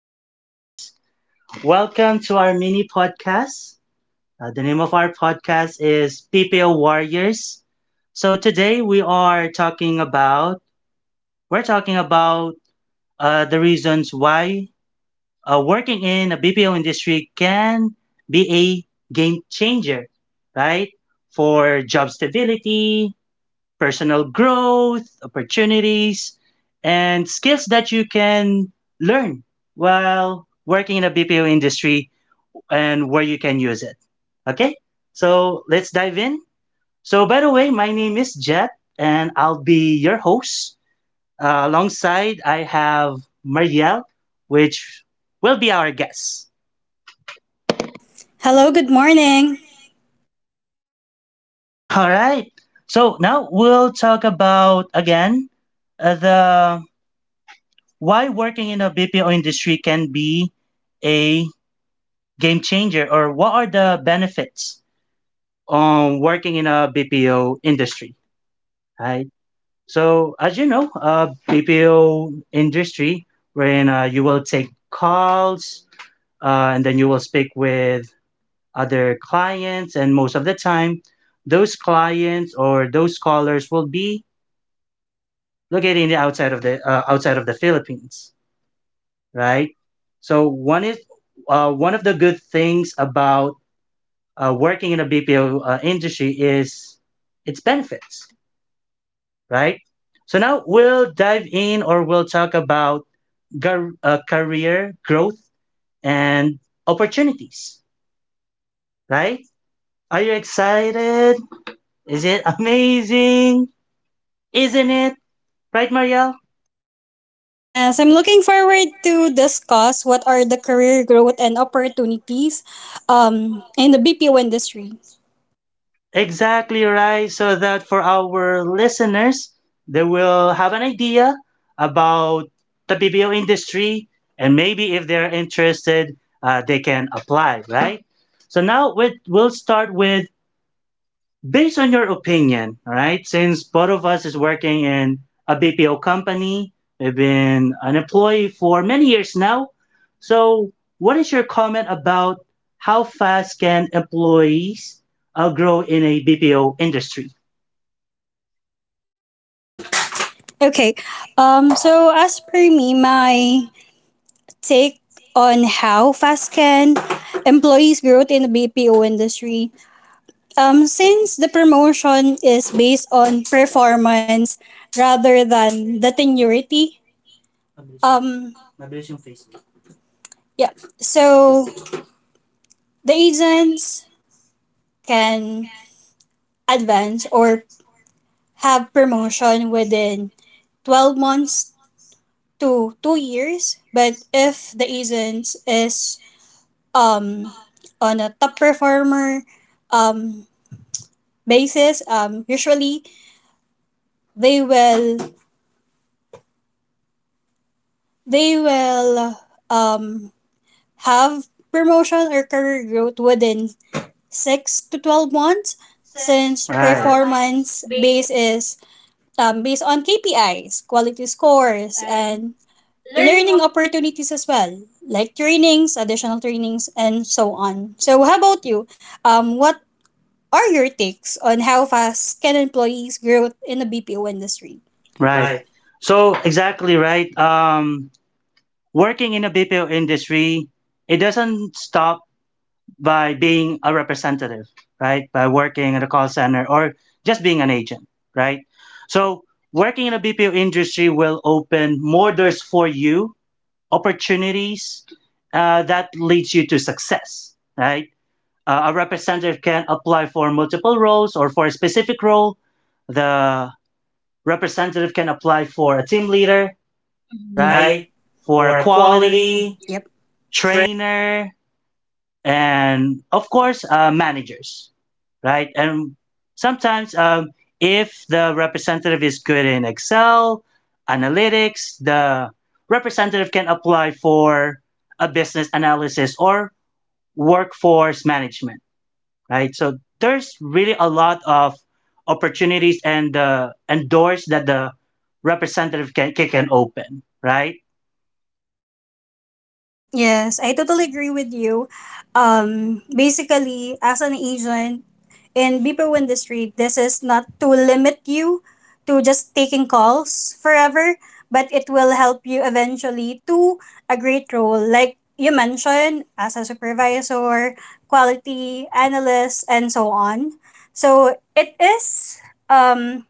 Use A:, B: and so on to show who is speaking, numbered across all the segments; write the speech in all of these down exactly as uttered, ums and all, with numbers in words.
A: listeners. Welcome to our mini podcast. Uh, the name of our podcast is P P O Warriors. So today we are talking about we're talking about uh, the reasons why uh, working in a B P O industry can be a game changer, right? For job stability, personal growth, opportunities, and skills that you can learn while working in a B P O industry and where you can use it. Okay, so let's dive in. So, by the way, my name is Jet, and I'll be your host. Uh, alongside, I have Marielle, which will be our guest.
B: Hello, good morning.
A: All right. So now we'll talk about again uh, the why working in a B P O industry can be a game changer or what are the benefits on working in a B P O industry, right? So as you know, uh, B P O industry wherein uh, you will take calls uh, and then you will speak with other clients, and most of the time those clients or those callers will be located in the outside of the uh, outside of the Philippines, right? So one is uh, one of the good things about uh, working in a B P O uh, industry is its benefits, right? So now we'll dive in or we'll talk about gar- uh, career growth and opportunities, right? Are you excited? Is it amazing? Isn't it? Right, Marielle?
B: Yes, I'm looking forward to discuss what are the career growth and opportunities um, in the B P O industry.
A: Exactly right. So that for our listeners, they will have an idea about the B P O industry, and maybe if they're interested, uh, they can apply, right? So now we- we'll start with, based on your opinion, all right? Since both of us is working in a B P O company, we've been an employee for many years now. So what is your comment about how fast can employees uh, grow in a B P O industry?
B: Okay, um, so as per me, my take on how fast can employees growth in the B P O industry. Um, since the promotion is based on performance rather than the tenuity, um, yeah. So the agents can advance or have promotion within 12 months to 2 years, but if the agent is um on a top performer um basis, um usually they will they will um have promotion or career growth within six to twelve months,
A: Since,
B: since, right,
A: right, performance
B: performance
A: based.
B: base is um, based on K P Is, quality scores, and learning opportunities as well, like trainings, additional trainings, and so on. So, how about you? Um, what are your takes on how fast can employees grow in the B P O industry?
A: Right.
B: Right.
A: So exactly right. Um, working in a B P O industry, it doesn't stop by being a representative, right? By working at a call center or just being an agent, right? So working in a B P O industry will open more doors for you, opportunities uh, that leads you to success, right? Uh, a representative can apply for multiple roles or for a specific role. The representative can apply for a team leader,
B: Mm-hmm.
A: right?
B: Right.
A: For a
B: For
A: quality
B: quality. Yep.
A: trainer, and of course, uh, managers, right? And sometimes, um, if the representative is good in Excel, analytics, the representative can apply for a business analysis or workforce management, right? So there's really a lot of opportunities and uh, and doors that the representative can can can open, right?
B: Yes, I totally agree with you. Um, basically, as an agent in B P O industry, this is not to limit you to just taking calls forever, but it will help you eventually to a great role. Like you mentioned, as a supervisor, quality analyst, and so on. So it is um,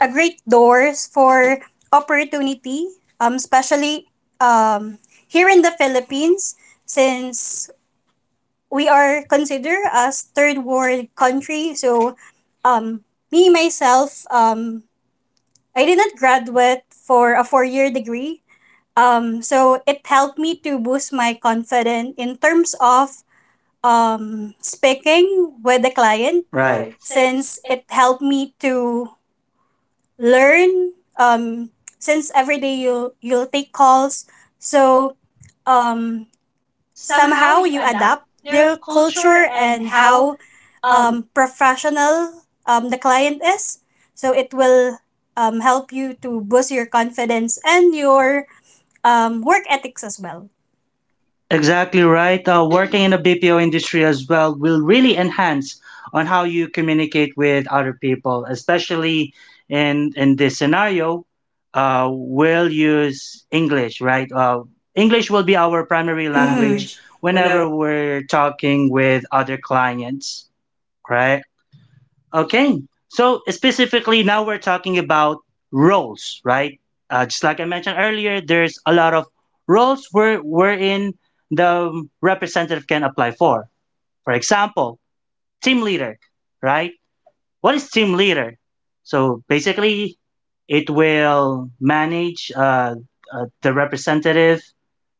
B: a great doors for opportunity, um, especially um, here in the Philippines, since we are considered as third world country. So, um, me myself, um, I did not graduate for a four year degree. Um, so it helped me to boost my confidence in terms of um, speaking with the client,
A: Right.
B: right, since it helped me to learn, um since every day you you'll take calls, so um somehow you adapt their culture and how um professional um the client is, so it will um help you to boost your confidence and your um work ethics as well.
A: Exactly right. Uh, working in the B P O industry as well will really enhance on how you communicate with other people, especially in in this scenario. Uh, we'll use English, right? Uh, English will be our primary
B: Primary, mhm,
A: language
B: language. Whenever.
A: whenever we're talking with other clients, right? Okay. So specifically, now we're talking about roles, right? Uh, just like I mentioned earlier, there's a lot of roles where wherein the representative can apply for. For example, team leader, right? What is team leader? So basically, it will manage uh, uh, the representative,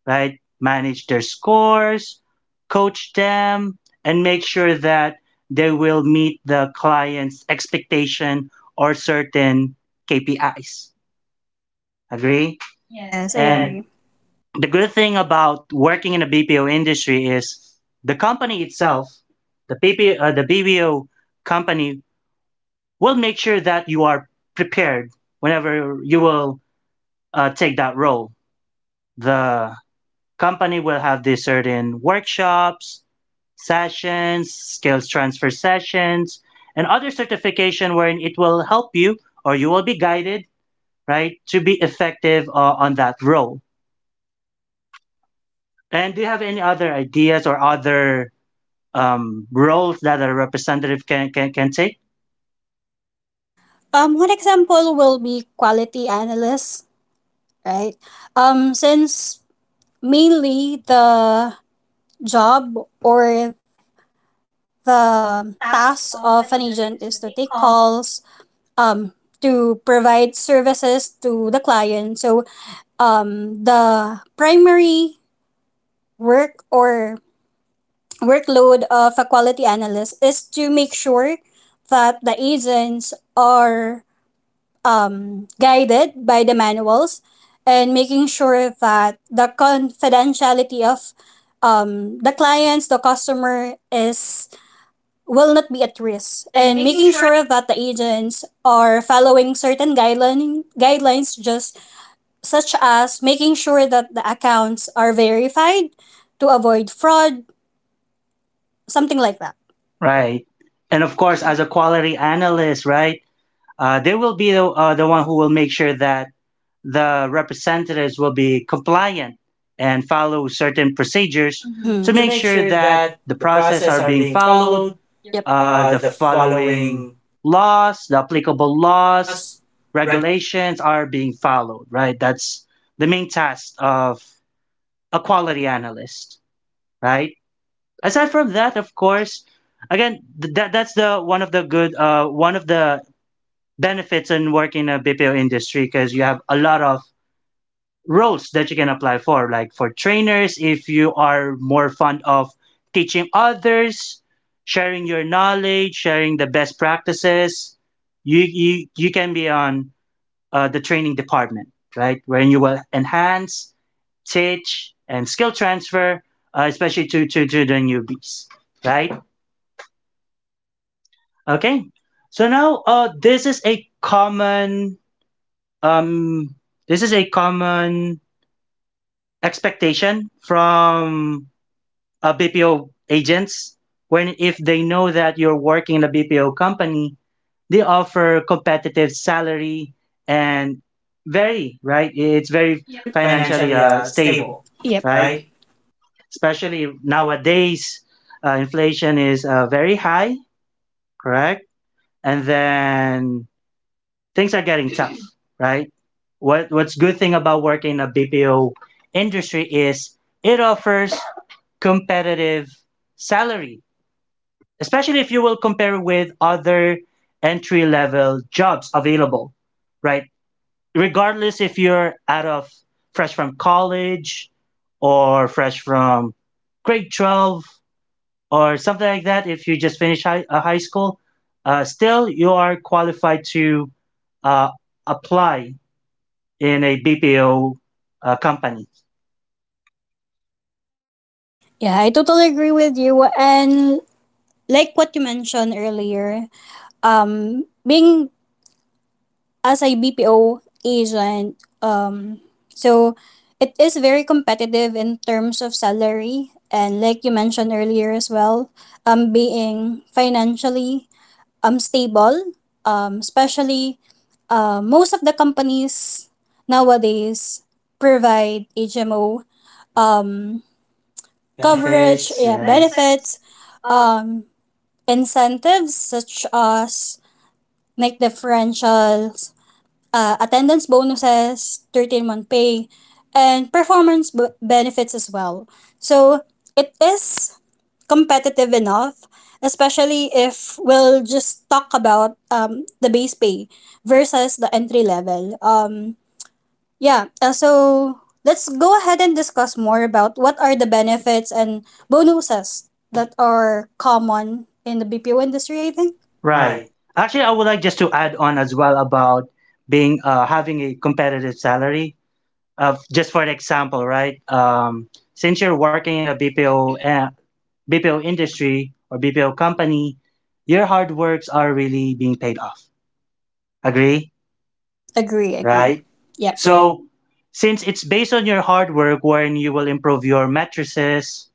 A: right? Manage their scores, coach them, and make sure that they will meet the client's expectation or certain K P Is. Agree? Yes.
B: Yes, I And- agree.
A: And
B: And
A: the good thing about working in the B P O industry is the company itself, the B P O, uh, the B P O company will make sure that you are prepared whenever you will uh, take that role. The company will have these certain workshops sessions, skills transfer sessions, and other certification wherein it will help you or you will be guided, right, to be effective uh, on that role. And do you have any other ideas or other um, roles that a representative can, can, can take?
B: Um, one example will be quality analysts, right? Um, since mainly the job or the task of an agent is to take calls, um, to provide services to the client. So, um, the primary work or workload of a quality analyst is to make sure that the agents are um, guided by the manuals, and making sure that the confidentiality of um, the clients, the customer is will not be at risk, and making sure that the agents are following certain guideline, guidelines, just such as making sure that the accounts are verified to avoid fraud, something like that.
A: Right. And of course, as a quality analyst, right, Uh, they will be the, uh, the one who will make sure that the representatives will be compliant and follow certain procedures, mhm, to
B: Mm-hmm. To
A: make
B: make
A: sure
B: sure
A: that
B: that
A: the
B: the
A: process
B: process
A: are
B: are
A: being
B: being
A: followed,
B: followed. Yep.
A: uh,
B: Uh,
A: the
B: the
A: following
B: following
A: laws, the applicable laws,
B: laws, reg-
A: regulations are being followed, right? That's the main task of a quality analyst, right? Aside from that, of course, again, th- that that's the one of the good, uh, one of the benefits in working in a B P O industry because you have a lot of roles that you can apply for, like for trainers. If you are more fond of teaching others, sharing your knowledge, sharing the best practices, you you, you can be on uh, the training department, right? Wherein you will enhance, teach, and skill transfer, uh, especially to, to, to the newbies, right? Okay. So now uh, this is a common Um, this is a common expectation from uh, B P O agents when, if they know that you're working in a B P O company, they offer competitive salary and very right. It's very
B: Yep.
A: financially
B: Financially,
A: uh,
B: uh,
A: stable,
B: stable. Yep.
A: right?
B: Right.
A: Especially nowadays, uh, inflation is uh, very high, correct? And then things are getting tough, right? what what's good thing about working in a B P O industry is it offers competitive salary, especially if you will compare with other entry level jobs available, right? Regardless if you're out of fresh from college or fresh from grade twelve or something like that, if you just finish high, uh, high school, uh, still you are qualified to uh, apply in a B P O uh, company.
B: Yeah, I totally agree with you. And like what you mentioned earlier, um, being as a B P O agent, um, so it is very competitive in terms of salary, and like you mentioned earlier as well, um, being financially um stable, um, especially uh, most of the companies nowadays provide H M O um
A: Coverage.
B: coverage, benefits,
A: Benefits,
B: yeah, yeah, benefits,
A: yes.
B: um, incentives such as like differentials, uh, attendance bonuses, thirteen month pay month pay, and performance b- benefits as well. So it is competitive enough, especially if we'll just talk about um, the base pay versus the entry level. Um, yeah, uh, so let's go ahead and discuss more about what are the benefits and bonuses that are common in the B P O industry, I think.
A: Right.
B: Right.
A: Actually, I would like just to add on as well about being uh, having a competitive salary. Uh, just for an example, right? Um, since you're working in a B P O uh, B P O industry or B P O company, your hard works are really being paid off. Agree?
B: Agree, agree. Right.
A: Right?
B: Yep. So
A: So, since it's based on your hard work, wherein you will improve your matrices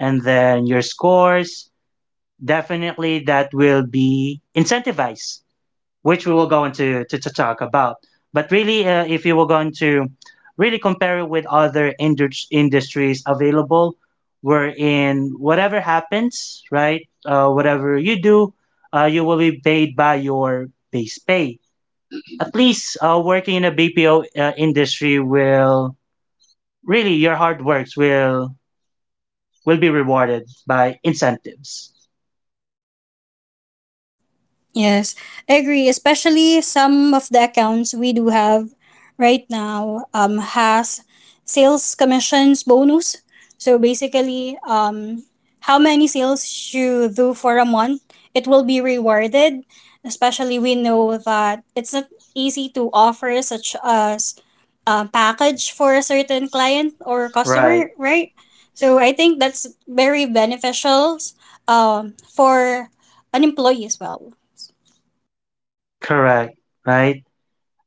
A: and then your scores, definitely that will be incentivized, which we will go into to, to, talk about. But really, uh, if you were going to really compare it with other indus- industries available, wherein whatever happens, right, uh, whatever you do, uh, you will be paid by your base pay. At least uh, working in a B P O uh, industry will really your hard works will will be rewarded by incentives.
B: yes, I agree. Especially some of the accounts we do have right now um, has sales commissions bonus. So basically, um, how many sales you do for a month, it will be rewarded. Especially we know that it's not easy to offer such as a package for a certain client, or, right,
A: Right.
B: customer, right? So I think that's very beneficial um, for an employee as well.
A: Correct, right?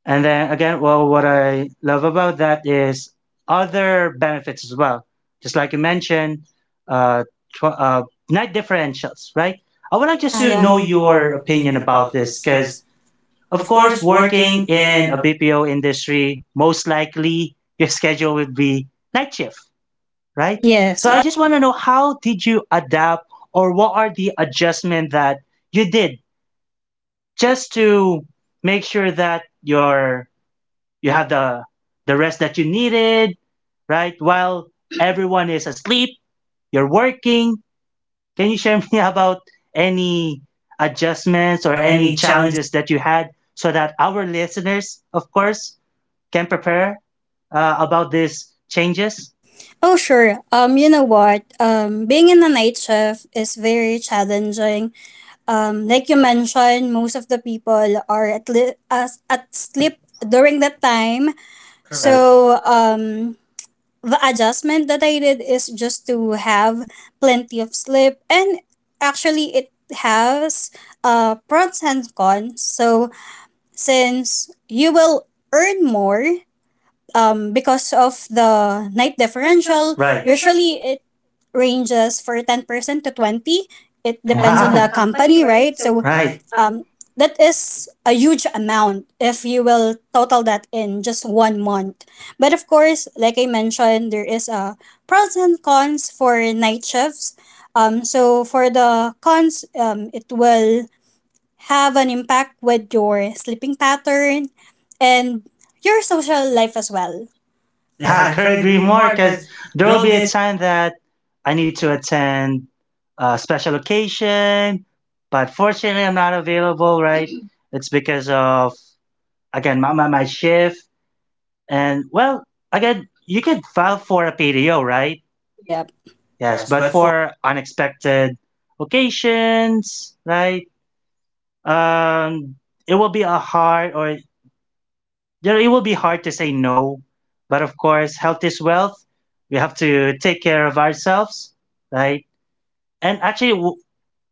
A: And then again, well, what I love about that is other benefits as well. Just like you mentioned, uh, tw- uh, night differentials, right? I
B: I
A: would like
B: wanted, yeah,
A: just
B: just to,
A: to
B: yeah,
A: know
B: know
A: your
B: your
A: opinion
B: opinion
A: about
B: about
A: this
B: this
A: because,
B: because,
A: of
B: of
A: course,
B: course,
A: working
B: working
A: in
B: in
A: a
B: a,
A: B P O industry, most likely your schedule would be night shift, right?
B: right?
A: Yes.
B: Yes,
A: So I just want to know how did you adapt or what are the adjustment that you did just to make sure that your you have the the rest that you needed, right? While everyone is asleep, you're working. Can you share me about any adjustments
B: business
A: or
B: or
A: any
B: any challenge.
A: challenges that you had so that our listeners, of course, can prepare uh, about these changes?
B: Oh, sure. Um, you know what? Um, being in a night shift is very challenging. Um, like you mentioned, most of the people are at li- as at sleep during that time. Correct.
A: Correct.
B: So um, the adjustment that I did is just to have plenty of sleep, and actually it has uh pros and cons. So since you will earn more um because of the night differential,
A: Right.
B: right, usually
A: It,
B: it ranges for ten percent to twenty. It depends on
A: wow.
B: the, wow, company, right? So,
A: Right.
B: right, um, that is a huge amount if you will total that in just one month. But of course, like I mentioned, there is a pros and cons for night shifts. Um, so for the cons, um, it will have an impact with your sleeping pattern and your social life as well. Yeah,
A: Yeah, I
B: I
A: could
B: couldn't
A: agree
B: agree
A: more
B: more
A: because
B: because
A: there
B: there
A: will
B: will
A: be a
B: be a,
A: time that I need to attend a special occasion, but fortunately, I'm not available, right? It's because of, again, my, my, my shift. And, well, again, you could file for a P D O, right?
B: yep.
A: Yes,
B: Yes, but
A: but
B: for
A: for unexpected occasions, right? Um, it will be a hard or there it will be hard to say no, but of course, health is wealth. We have to take care of ourselves, right? And actually, w-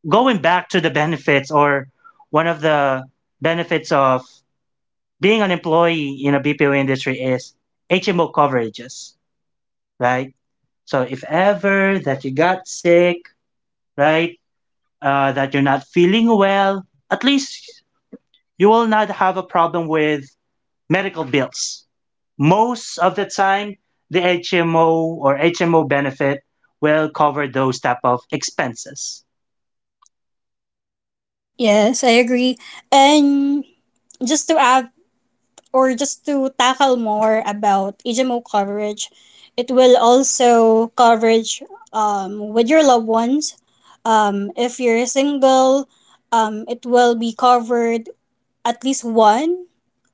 A: going back to the benefits or one of the benefits of being an employee in a B P O industry is H M O coverages, right? So if ever that you got sick, right, uh, that you're not feeling well, at least you will not have a problem with medical bills. Most of the time, the H M O or H M O benefit will cover those type of expenses.
B: yes, I agree. And just to add, or just to tackle more about H M O coverage, it will also coverage um, with your loved ones. Um, if you're single, um, it will be covered at least one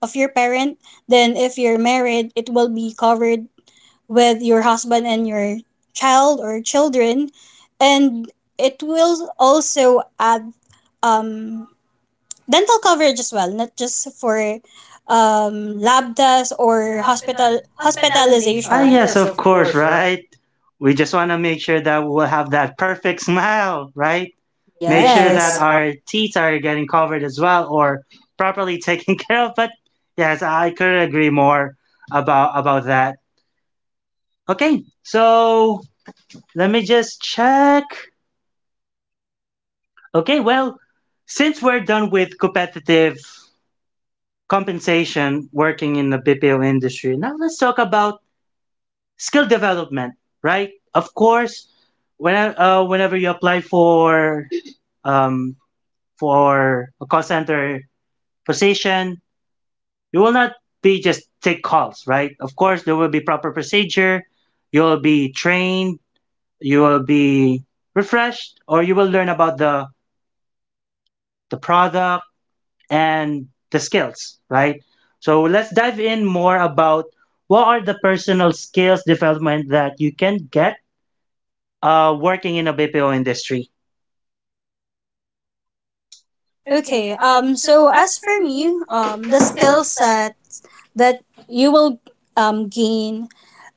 B: of your parent. Then if you're married, it will be covered with your husband and your child or children. And it will also add um, dental coverage as well, not just for um, lab tests or hospital hospitalization.
A: Ah,
B: Ah, hospitalization,
A: yes,
B: yes,
A: of
B: of
A: course,
B: course, right?
A: right? We just want to make sure that we'll have that perfect smile, right?
B: Make sure,
A: Make sure that
B: yes, that our
A: our teeth are getting covered as well or properly taken care of. But yes, I couldn't agree more about about that. Okay, so let me just check. Okay, well, since we're done with competitive compensation working in the B P O industry. Now let's talk about skill development, right? Of course, when, uh, whenever you apply for um, for a call center position, you will not be just take calls, right? Of course, there will be proper procedure. You will be trained. You will be refreshed, or you will learn about the the product and the skills, right? So let's dive in more about what are the personal skills development that you can get uh, working in a B P O industry.
B: okay. Um. So as for me, um, the skill set that you will um, gain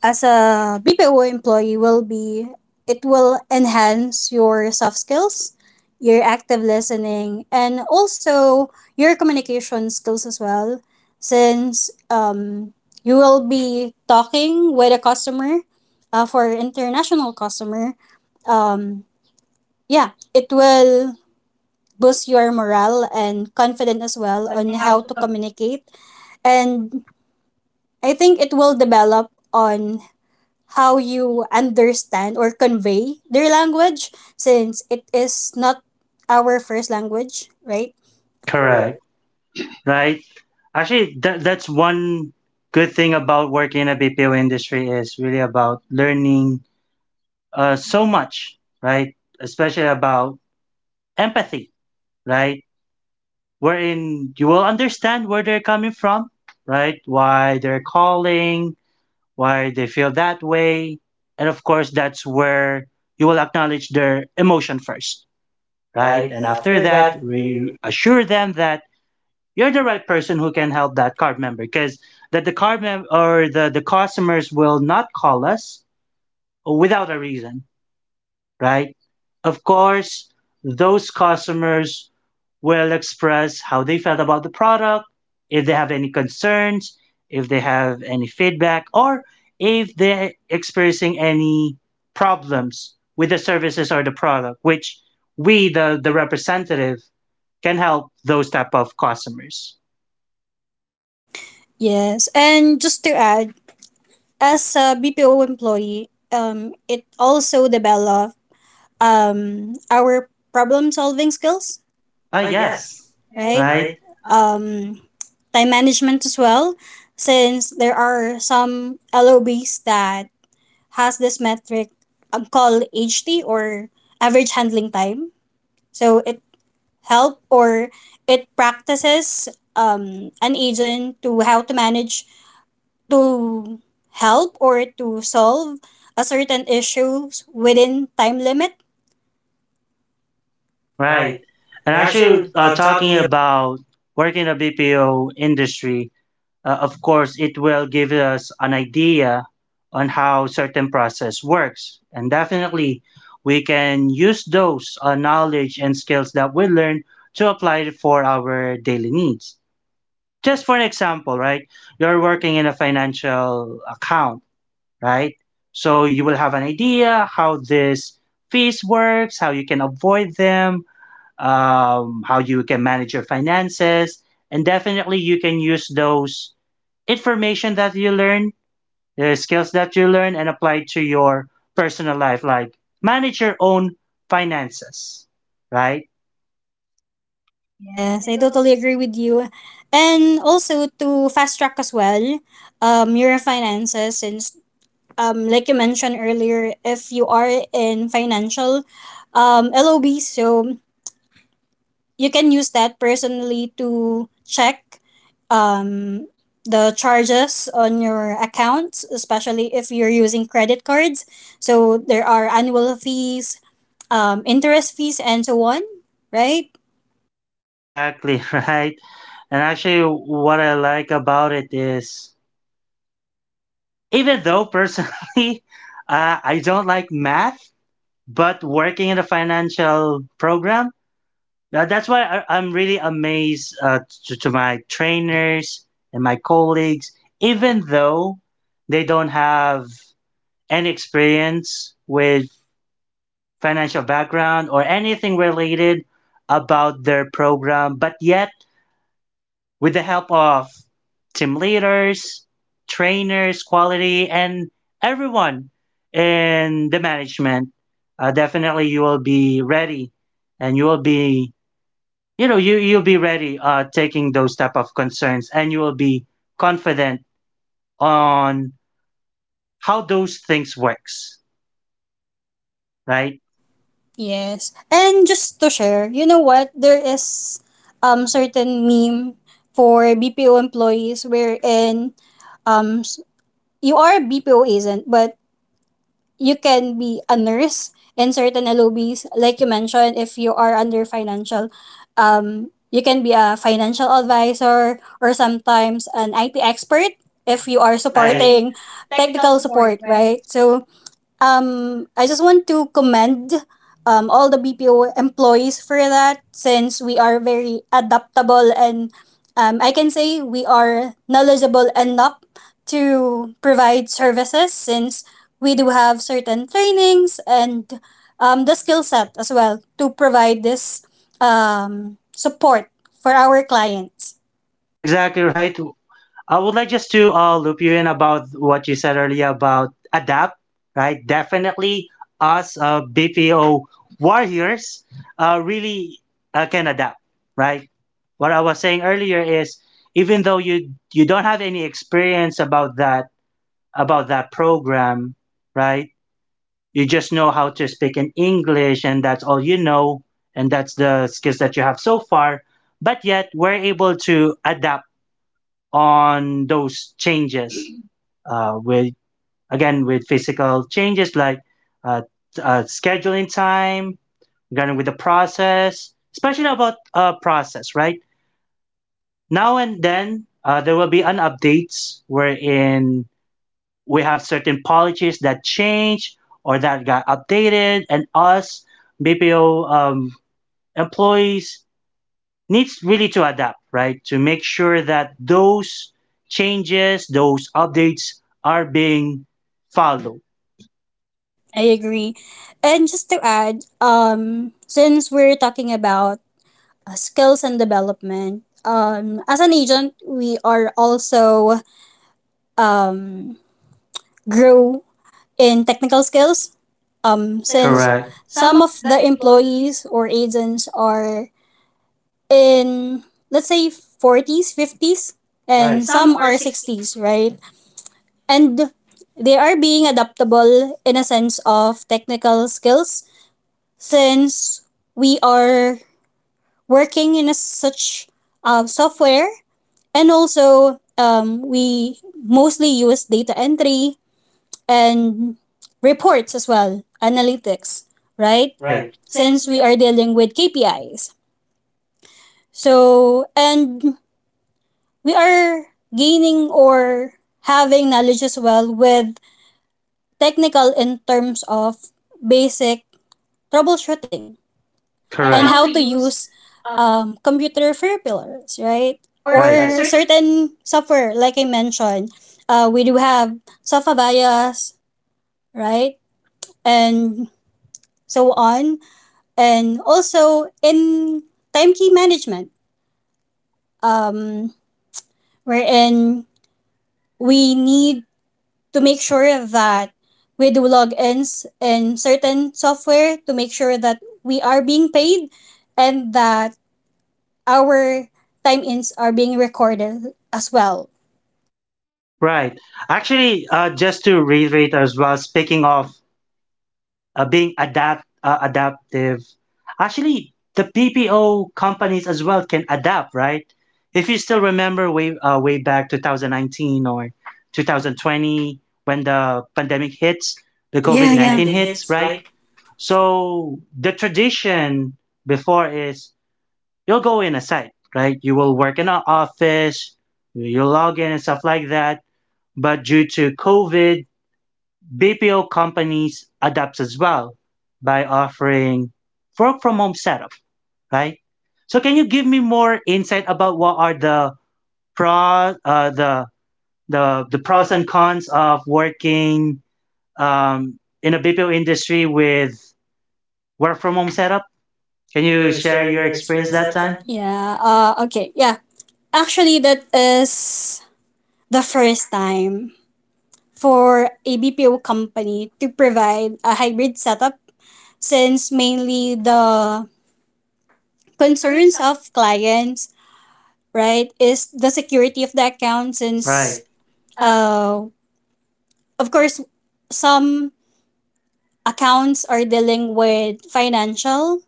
B: as a B P O employee will be it will enhance your soft skills, your active listening, and also your communication skills as well, since um, you will be talking with a customer, uh, for international customer. Um, yeah, it will boost your morale and confidence as well on how to communicate, and I think it will develop on how you understand or convey their language since it is not our first language, right?
A: Correct.
B: Correct.
A: Right. Actually, that that's one good thing about working in a B P O industry is really about learning uh, so much, right? Especially about empathy, right? Wherein you will understand where they're coming from, right? Why they're calling, why they feel that way. And of course, that's where you will acknowledge their emotion first, right?
B: Right?
A: And
B: And
A: after
B: after
A: that,
B: that, we
A: reassure them that you're the right person who can help that card member because that the card mem- or the, the customers will not call us without a reason, right? Of course, those customers will express how they felt about the product, if they have any concerns, if they have any feedback, or if they're experiencing any problems with the services or the product, which we, the, the representative, can help those type of customers.
B: yes. And just to add, as a B P O employee, um, it also develop um, our problem solving skills.
A: Oh,
B: Ah,
A: yes.
B: yes, right?
A: Right,
B: Right? um, time management as well, since there are some L O Bs that has this metric um, called H T or average handling time. So it help or it practices um, an agent to how to manage to help or to solve a certain issues within time limit.
A: right.
B: Right.
A: And
B: And
A: actually,
B: actually,
A: uh,
B: uh,
A: talking
B: talking.
A: about working in the B P O industry, uh, of course, it will give us an idea on how certain process works. And definitely, we can use those uh, knowledge and skills that we learn to apply it for our daily needs. Just for an example, right? You're working in a financial account, right? So you will have an idea how this fees works, how you can avoid them, um, how you can manage your finances, and definitely you can use those information that you learn, the skills that you learn, and apply to your personal life, like manage your own finances, right?
B: Yes, I totally agree with you, and also to fast track as well um, your finances since, um, like you mentioned earlier, if you are in financial, um, L O B, so you can use that personally to check um, the charges on your accounts, especially if you're using credit cards. So there are annual fees, um, interest fees, and so on, right?
A: Exactly, right? And actually, what I like about it is, even though personally, uh, I don't like math, but working in a financial program, uh, that's why I, i'm really amazed uh, to, to my trainers and my colleagues, even though they don't have any experience with financial background or anything related about their program, but yet with the help of team leaders, trainers, quality, and everyone in the management, uh, definitely you will be ready and you will be, you know, you, you'll be ready uh, taking those type of concerns, and you will be confident on how those things works, right?
B: Right? Yes. And just to share, you know what? There is um certain meme for B P O employees wherein um you are a B P O agent, but you can be a nurse in certain L O Bs. Like you mentioned, if you are under financial, um, you can be a financial advisor, or sometimes an I T expert if you
A: Right.
B: are
A: Something.
B: supporting technical support, right? So um, I just want to commend um, all the B P O employees for that, since we are very adaptable, and um, I can say we are knowledgeable enough to provide services since we do have certain trainings, and um, the skill set as well to provide this um, support for our clients.
A: Exactly right. I would like just to uh, loop you in about what you said earlier about adapt, right? Definitely, us uh, B P O warriors uh, really uh, can adapt, right? What I was saying earlier is, even though you you don't have any experience about that, about that program, right? You just know how to speak in English, and that's all you know, and that's the skills that you have so far. But yet, we're able to adapt on those changes, uh, with, again, with physical changes like uh, uh, scheduling time, again with the process, especially about uh, process, right? Now and then, uh, there will be an updates wherein we have certain policies that change or that got updated, and us B P O, um, employees needs really to adapt, right? To make sure that those changes, those updates are being followed,
B: I agree. And just to add, um, since we're talking about uh, skills and development. Um, as an agent, we are also um, grow in technical skills. Um, since,
A: correct,
B: correct, some of the employees or agents are in, let's say, forties, fifties,
A: right,
B: and, right, some are sixties, right, and they are being adaptable in a sense of technical skills since we are working in a such, uh, software. And also, um, we mostly use data entry and reports as well, analytics, right?
A: right, and
B: Right. Since we are dealing with K P Is. So, and we are gaining or having knowledge as well with technical in terms of basic troubleshooting. And how
A: correct,
B: to
A: and
B: use um, computer fibrillars, right? Or,
A: right.
B: right, certain software, like I mentioned, uh, we do have software bias, right? And so on. And also in time key management, um, wherein we need to make sure that we do logins in certain software to make sure that we are being paid, and that our time ins are being recorded as well.
A: Right. Actually, uh, just to reiterate as well, speaking of uh, being adapt uh, adaptive, actually the P P O companies as well can adapt, right? If you still remember way uh, way back twenty nineteen or two thousand twenty, when the pandemic hits, the yeah
B: The, yeah,
A: COVID nineteen
B: COVID nineteen, yeah,
A: hits,
B: hits,
A: right?
B: right?
A: So the tradition before is, you'll go in a site, right? You will work in an office, you log in and stuff like that. But due to COVID, B P O companies adapt as well by offering work from home setup, right? So can you give me more insight about what are the pros, uh, the the the pros and cons of working um, in a B P O industry with work from home setup? Can
B: Can
A: you
B: you
A: share
B: share
A: your
B: your
A: experience
B: experience
A: that
B: that
A: time?
B: time? Yeah, uh, okay. Yeah. Actually, that is the first time for A B P O company to provide a hybrid setup since mainly the concerns of clients, right, is the security of the account
A: Right.
B: since, right, uh, of course, some accounts are dealing with financial,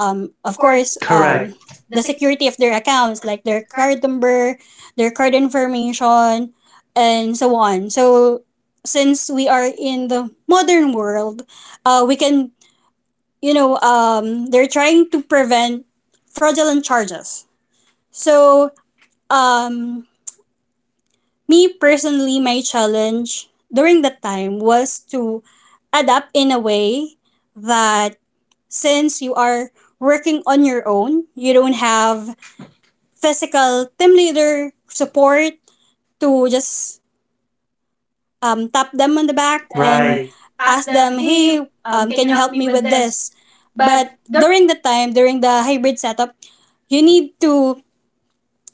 B: um of course, um
A: Correct.
B: correct. The security of their accounts, like their card number, their card information, and so on. So since we are in the modern world, uh we can you know um they're trying to prevent fraudulent charges. So um me personally, my challenge during that time was to adapt in a way that since you are working on your own, you don't have physical team leader support to just um, tap them on
A: The
B: the
A: back.
B: back
A: And
B: and right.
A: right.
B: Ask them, hey, um, can you help me with this? But during the time, during the hybrid setup, you need to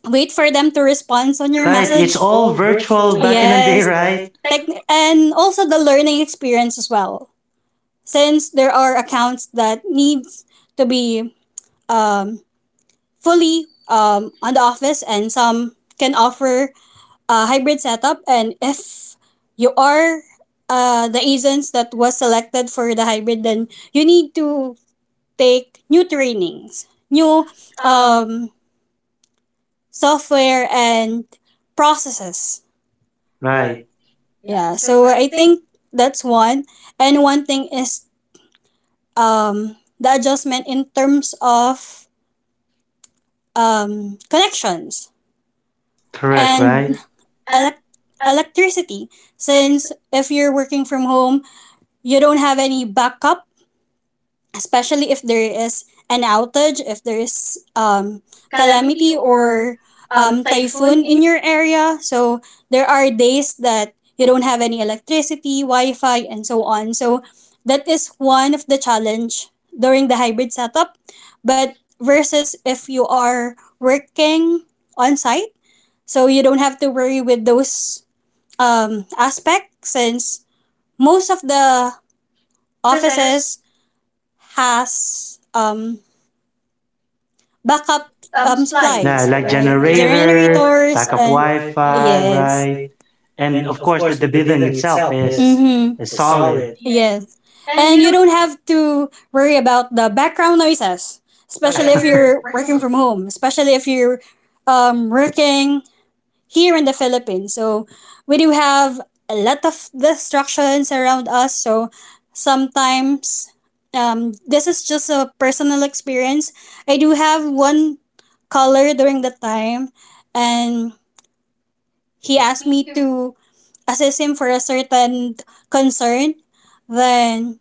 B: wait for them to respond
A: Hands on
B: on
A: your
B: your, right,
A: right. Message. It's
B: message. Right. It's
A: all
B: all
A: virtual, oh,
B: virtual.
A: back, yeah, in the day,
B: Yes. Day,
A: right?
B: right. Techn- and also the learning experience as well. Since there are accounts that needs to be um, fully um, on the office, and some can offer a hybrid setup. And if you are uh, the agents that was selected for the hybrid, then you need to take new trainings, new um, software and processes.
A: Right.
B: Right. yeah so i think that's one. And one thing is um, the adjustment in terms of um, connections. Correct.
A: Correct, and,
B: And
A: right?
B: right. elec- Electricity. Since if you're working from home, you don't have any backup, especially if there is an outage, if there is um, calamity or um, typhoon in your area. So there are days that you don't have any electricity, Wi-Fi, and so on. So that is one of the challenge during the hybrid setup. But versus if you are working on site, so you don't have to worry with those um, aspect, since most of the offices has um, backup
A: Um,
B: um,
A: supplies. Yeah,
B: supplies. Yeah, like
A: like
B: like generators,
A: generator,
B: generators lack
A: backup
B: and Wi-Fi,
A: Wi-Fi, yes,
B: yes,
A: right?
B: right?
A: And
B: And
A: of
B: of
A: course, the,
B: course,
A: the
B: the, the
A: building
B: building
A: itself
B: itself
A: is
B: is, mm-hmm,
A: mm-hmm, is
B: is
A: solid.
B: solid. Yes. And you don't have to worry about the background noises,
A: Especially, oh yeah,
B: especially, oh,
A: if
B: yeah, if
A: you're
B: you're
A: working
B: working
A: from—
B: from home, especially if you're um, working here in the Philippines. So we do have a lot of distractions around us. So sometimes um, this is just a personal experience. I do have one caller during the time, and he asked me to assist him for a certain concern. Then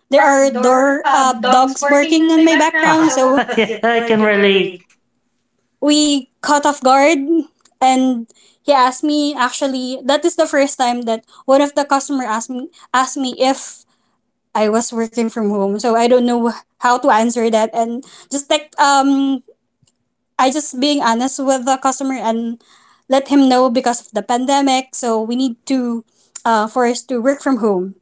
A: There
B: there
A: are
B: are
A: door
B: door
A: uh,
B: uh,
A: dogs
B: dogs
A: barking
B: barking
A: in
B: on
A: my
B: my
A: background,
B: background. So
A: so. Yeah, I
B: I
A: can
B: can
A: relate.
B: relate. We caught off guard, and he asked me, actually that is the first time that one of the customer asked me, asked me if I was working from home. So I don't know how to answer that, and just like um I just being honest with the customer and let him know because of the pandemic. So we need to uh, for us to work from home.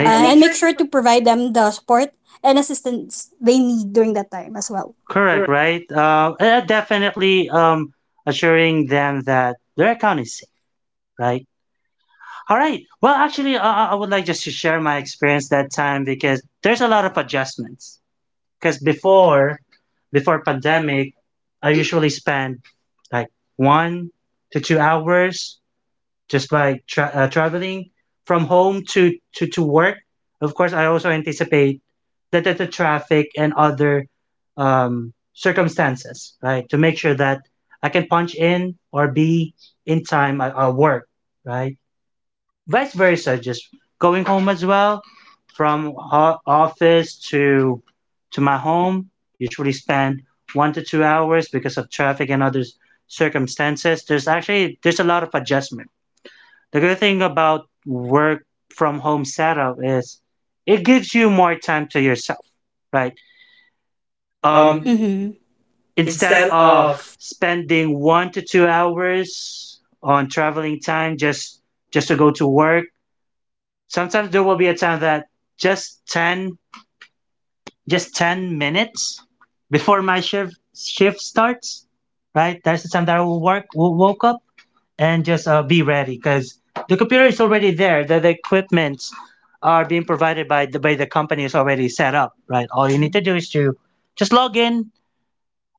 B: uh,
A: Uh, And
B: Right.
A: make
B: And make
A: sure to.
B: sure to provide them the support and assistance they need during that time as well.
A: Correct,
B: Correct.
A: right? Uh, uh, definitely, um, assuring them that their account is safe, right? All right. Well, actually, uh, I I would like just to share my experience that time, because there's a lot of adjustments. Because before, before pandemic, I usually spend like one to two hours just by tra- uh, traveling from home to, to to work. Of course, I also anticipate that the, the traffic and other um, circumstances, right, to make sure that I can punch in or be in time at, at work, right, vice versa, just going home as well from ho- office to to my home. Usually spend one to two hours because of traffic and other s- circumstances. There's actually there's a lot of adjustment. The good thing about work from home setup is it gives you more time to yourself, right? Um,
B: Um, Mm-hmm.
A: Instead
B: Instead
A: of
B: of
A: spending one to two hours on traveling time just just to go to work. Sometimes there will be a time that just ten, just ten minutes before my shift shift starts, right? That's the time that I will work, will woke up and just uh, be ready, because the computer is already there. The, the equipment are being provided by the by the company is already set up, right? All you need to do is to just log in,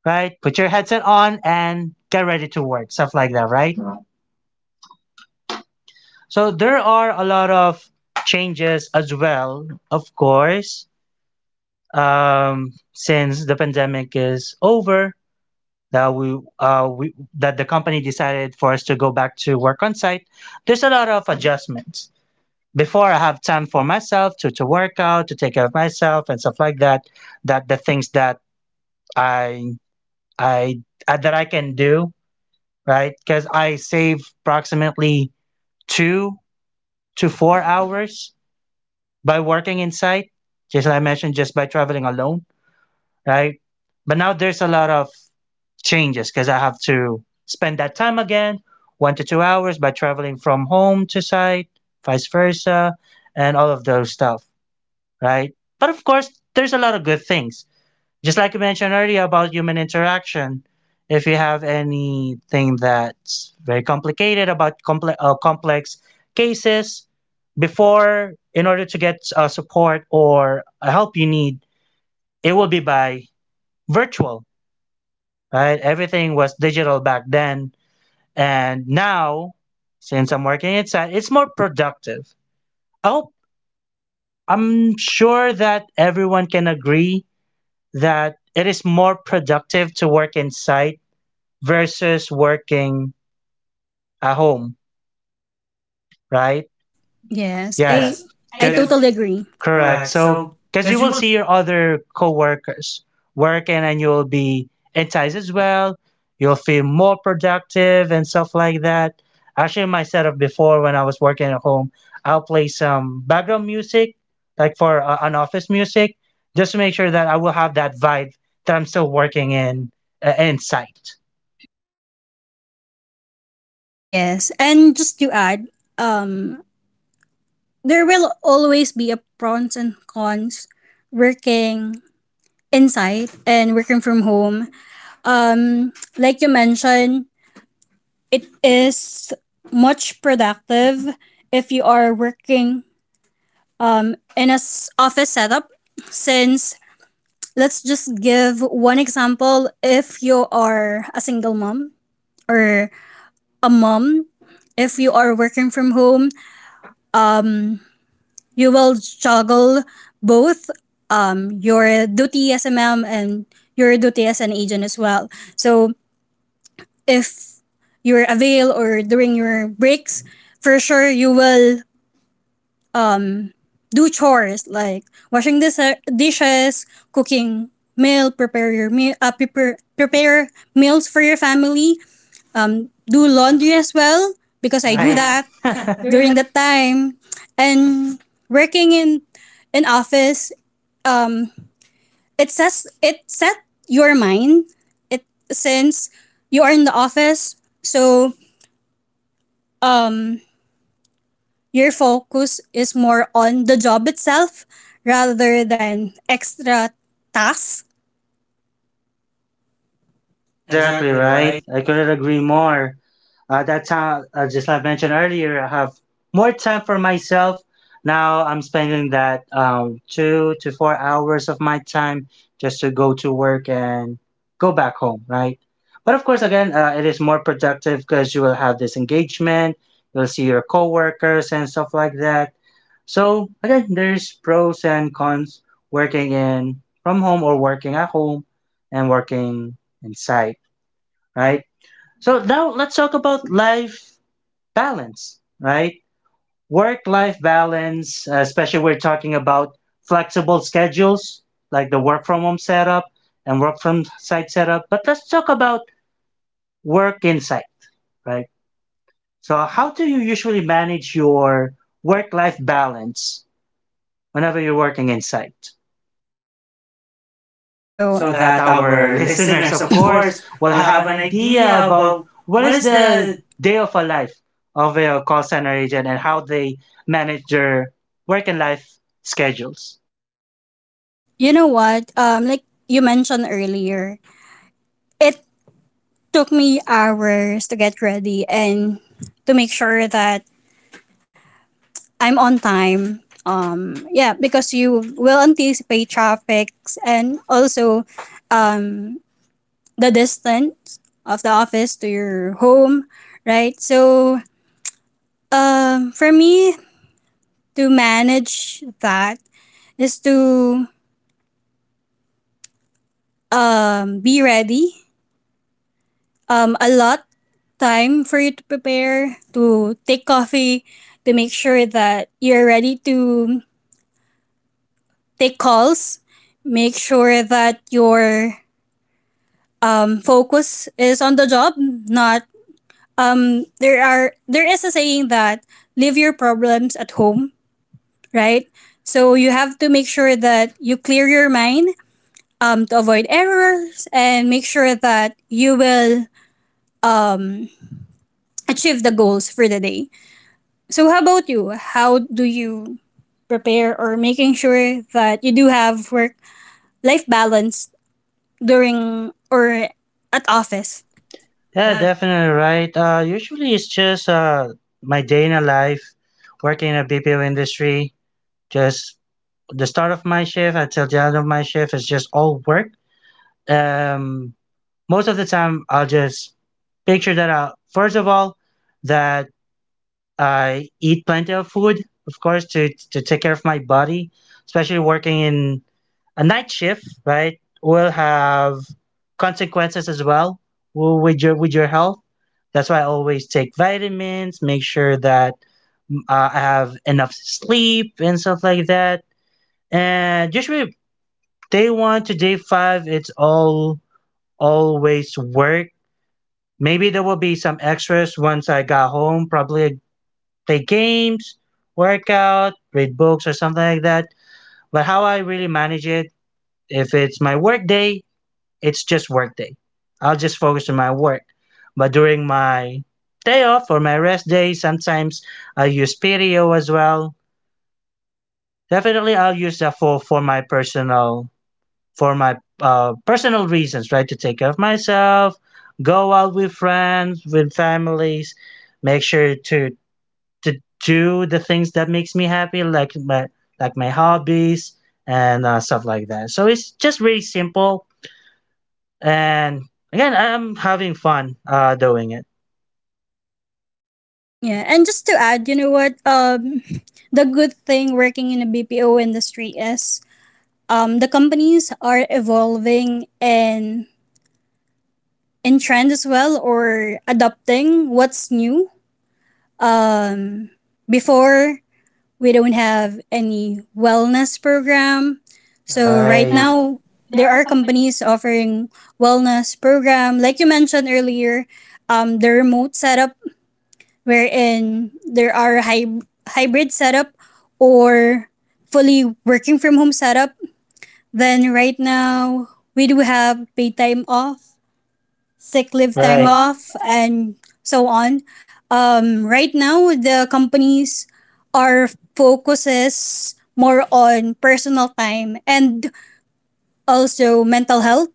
A: right? Put your headset on and get ready to work, stuff like that, right? So there are a lot of changes as well, of course, um, since the pandemic is over, that we, uh, we that the company decided for us to go back to work on site, there's a lot of adjustments. Before, I have time for myself to, to work out, to take care of myself and stuff like that, that the things that I I uh, that I can do, right? Because I save approximately two to four hours by working in site, just like I mentioned, just by traveling alone, right? But now there's a lot of changes because I have to spend that time again, one to two hours by traveling from home to site, vice versa, and all of those stuff, right? But of course, there's a lot of good things. Just like you mentioned earlier about human interaction, if you have anything that's very complicated about comple- uh, complex cases, before, in order to get uh, support or help you need, it will be by virtual, right? Everything was digital back then. And now, since I'm working inside, it's more productive. I hope, I'm sure that everyone can agree that it is more productive to work inside versus working at home, right?
B: Yes, Yes. I
A: Yes,
B: Yes, I
A: because
B: There's- totally agree.
A: correct.
B: Correct.
A: So
B: So,
A: because you
B: because you
A: will see your other coworkers working, and you'll be enticed as well. You'll feel more productive and stuff like that. Actually, my setup before, when I was working at home, I'll play some background music, like for uh, an office music, just to make sure that I will have that vibe that I'm still working in uh, in sight.
B: Yes, and just to add, um, there will always be a pros and cons working inside and working from home. Um, like you mentioned, it is much productive if you are working um in a s- office setup, since let's just give one example. If you are a single mom, or a mom, if you are working from home, um, you will juggle both um, your duty as a mom and your duty as an agent as well. So if you're avail, or during your breaks, for sure you will do chores like washing dis- dishes, cooking meal, prepare your meal, uh, prepare, prepare meals for your family, um, do laundry as well, because I do, right,
A: Right.
B: that.
A: That.
B: During that time. And working in in office, um it says it set your mind. It since you are in the office, so um your focus is more on the job itself rather than extra tasks.
A: Exactly
B: Exactly right.
A: right. I couldn't agree more. Uh, that's how, uh, just like I mentioned earlier, I have more time for myself. Now I'm spending that um, two to four hours of my time just to go to work and go back home, right? But of course, again, uh, it is more productive because you will have this engagement, you'll see your coworkers and stuff like that. So again, there's pros and cons working in from home or working at home and working inside, right? So now let's talk about life balance, right? Work life balance, uh, especially we're talking about flexible schedules like the work from home setup and work from site setup. But let's talk about work inside, right? So, how do you usually manage your work life balance whenever you're working inside?
B: oh,
A: So
B: So
A: that
B: that
A: our
B: our
A: listeners,
B: listeners,
A: of
B: of
A: course,
B: course,
A: will
B: will
A: have
B: have
A: an
B: an idea
A: idea about
B: about
A: what
B: what
A: is
B: is
A: the
B: the.
A: day of a life of a call center agent and how they manage their work and life schedules.
B: You know what um like you mentioned earlier, it took me hours to get ready and to make sure that I'm on time. Um, yeah, because you will anticipate traffics, and also um, the distance of the office to your home, right? So um, for me to manage that is to um, be ready. Um, a lot time for you to prepare, to take coffee, to make sure that you're ready to take calls, make sure that your um, focus is on the job, not um, there are, there is a saying that leave your problems at home, right? So you have to make sure that you clear your mind um, to avoid errors and make sure that you will um, achieve the goals for the day. So how about you? How do you prepare or making sure that you do have work life balance during or at office.
A: Yeah,
B: Yeah.
A: definitely right. Uh, usually it's just uh, my day in a life working in a B P O industry. Just the start of my shift until the end of my shift is just all work. Um, Most of the time, I'll just picture that out. First of all, that I eat plenty of food, of course, to to take care of my body, especially working in a night shift, right? Will have consequences as well w- with your with your health. That's why I always take vitamins, make sure that mm, uh, I have enough sleep and stuff like that. And usually day one to day five, it's all always work. Maybe there will be some extras once I got home. Probably play games, work out, read books, or something like that. But how I really manage it, if it's my work day, it's just work day. I'll just focus on my work. But during my day off or my rest day, sometimes I use P D O as well. Definitely, I'll use that for for my personal for my uh, personal reasons, right? To take care of myself, go out with friends, with families, make sure to to do the things that makes me happy, like my like my hobbies and uh, stuff like that. So it's just really simple, and again, I'm having fun uh, doing it.
B: Yeah, and just to add, you know what? Um, the good thing working in a B P O industry is um, the companies are evolving and in trend as well, or adopting what's new. Um, Before we don't have any wellness program,
A: All
B: so right
A: right,
B: now there are companies offering wellness program, like you mentioned earlier, um, the remote setup wherein there are hy- hybrid setup or fully working from home setup. Then right now we do have paid time off, sick leave time,
A: right,
B: right, off, and so on. Um, right now the companies are focuses more on personal time, and also mental health,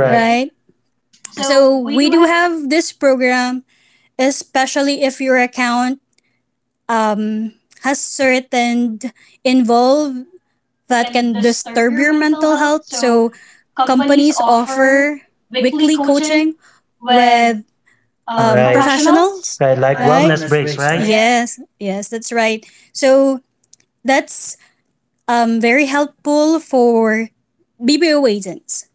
B: right? Right? So we do have this program, especially if your account um, has certain involve that can disturb your mental health. So companies offer weekly coaching with um, right,
A: right,
B: professionals.
A: right.
B: Right. Like,
A: Like
B: right,
A: wellness
B: wellness
A: breaks,
B: breaks, right?
A: right?
B: Yes, yes, that's right. So that's um, very helpful for B B O agents,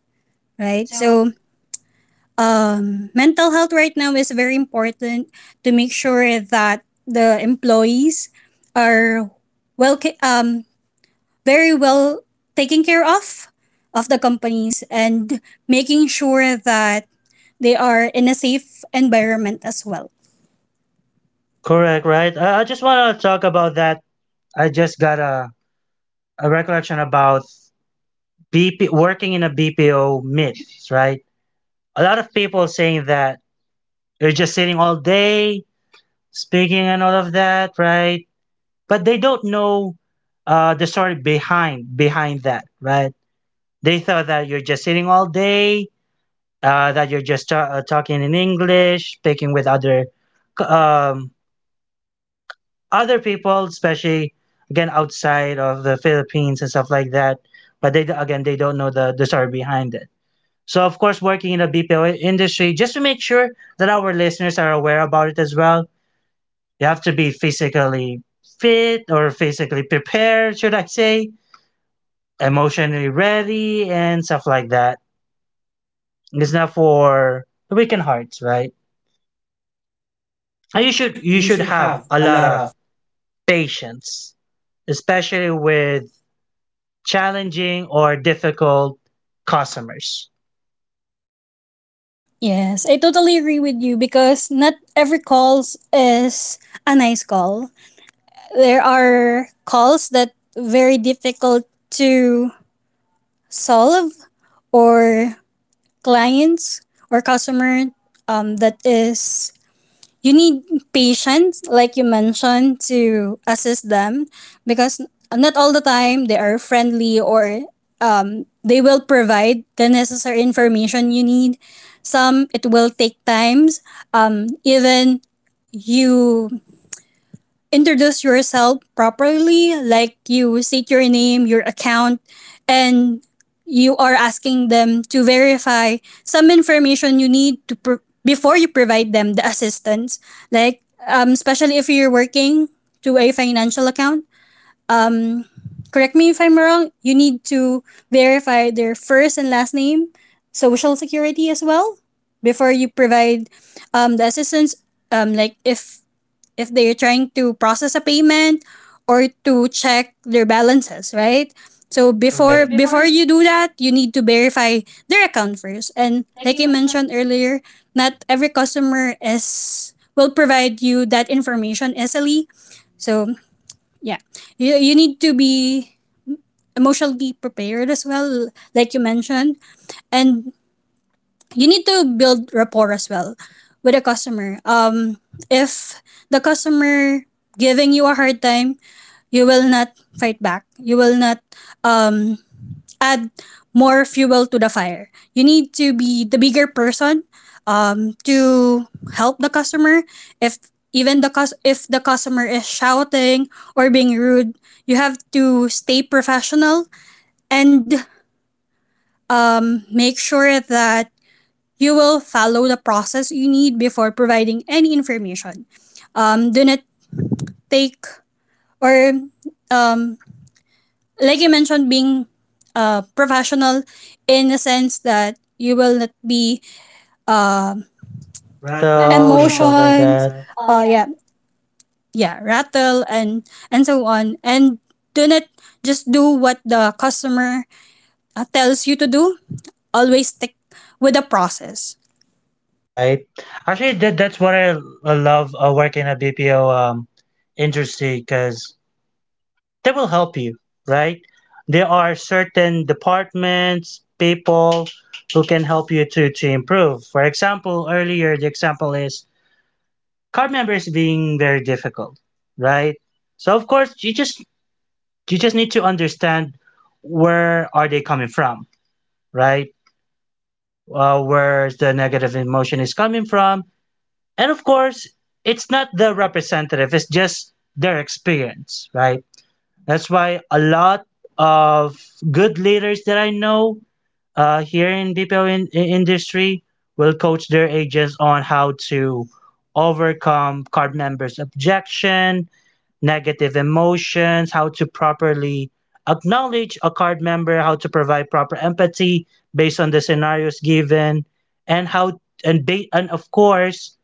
B: right? So um, mental health right now is very important, to make sure that the employees are well um, very well taken care of of the companies, and making sure that they are in a safe environment as well.
A: Correct, right? I, I just want to talk about that. I just got a, a recollection about BP working in a B P O B P O myths, right? A lot of people saying that you're just sitting all day, speaking and all of that, right? But they don't know uh, the story behind behind that, right? They thought that you're just sitting all day, uh, that you're just ta- uh, talking in English, speaking with other c- um, other people, especially again outside of the Philippines and stuff like that. But they again they don't know the the story behind it. So of course, working in the B P O industry, just to make sure that our listeners are aware about it as well, you have to be physically fit or physically prepared, should I say, emotionally ready and stuff like that. It's not for the weakened hearts, right? And
B: And
A: you
B: you
A: should
B: should,
A: you
B: you
A: should
B: should
A: have
B: have
A: a
B: a
A: lot
B: lot
A: of
B: of.
A: patience, especially with challenging or difficult customers.
B: Yes, I totally agree with you, because not every calls is a nice call. There are calls that very difficult to solve, or clients or customer um, that is you need patience, like you mentioned, to assist them because not all the time they are friendly, or um, they will provide the necessary information you need. Some it will take times. Um, even you introduce yourself properly, like you state your name, your account, and you are asking them to verify some information you need to pro- before you provide them the assistance. Like, um, especially if you're working to a financial account, um, correct me if I'm wrong, you need to verify their first and last name, social security as well, before you provide um, the assistance. Um, like if if they're trying to process a payment, or to check their balances, right? So before,
A: Correct,
B: right, before you do that, you need to verify their account first. And like I mentioned earlier, not every customer is will provide you that information easily. So yeah, you, you need to be emotionally prepared as well, like you mentioned, and you need to build rapport as well with a customer. Um, if the customer giving you a hard time, you will not fight back. You will not um, add more fuel to the fire. You need to be the bigger person um, to help the customer. If even the cus- if the customer is shouting or being rude, you have to stay professional, and um, make sure that you will follow the process you need before providing any information. Um, do not take, or um, like I mentioned, being uh, professional in the sense that you will not be um
A: rattle
B: rattle.
A: emotions and stuff like
B: Emotions.
A: that,
B: Something like uh yeah, yeah, rattle and and so on. And do not just do what the customer uh, tells you to do. Always stick with the process.
A: right? Actually, that, that's what I, I love uh, working at B P O um, industry because they will help you, right? There are certain departments, people who can help you to, to improve. For example, earlier, the example is card members being very difficult, right? So of course, you just you just need to understand where are they coming from, right? Uh, where the negative emotion is coming from, and of course, it's not the representative; it's just their experience, right? That's why a lot of good leaders that I know uh, here in B P O in, in- industry will coach their agents on how to overcome card members' objection, negative emotions, how to properly acknowledge a card member, how to provide proper empathy based on the scenarios given, and how and ba- and of course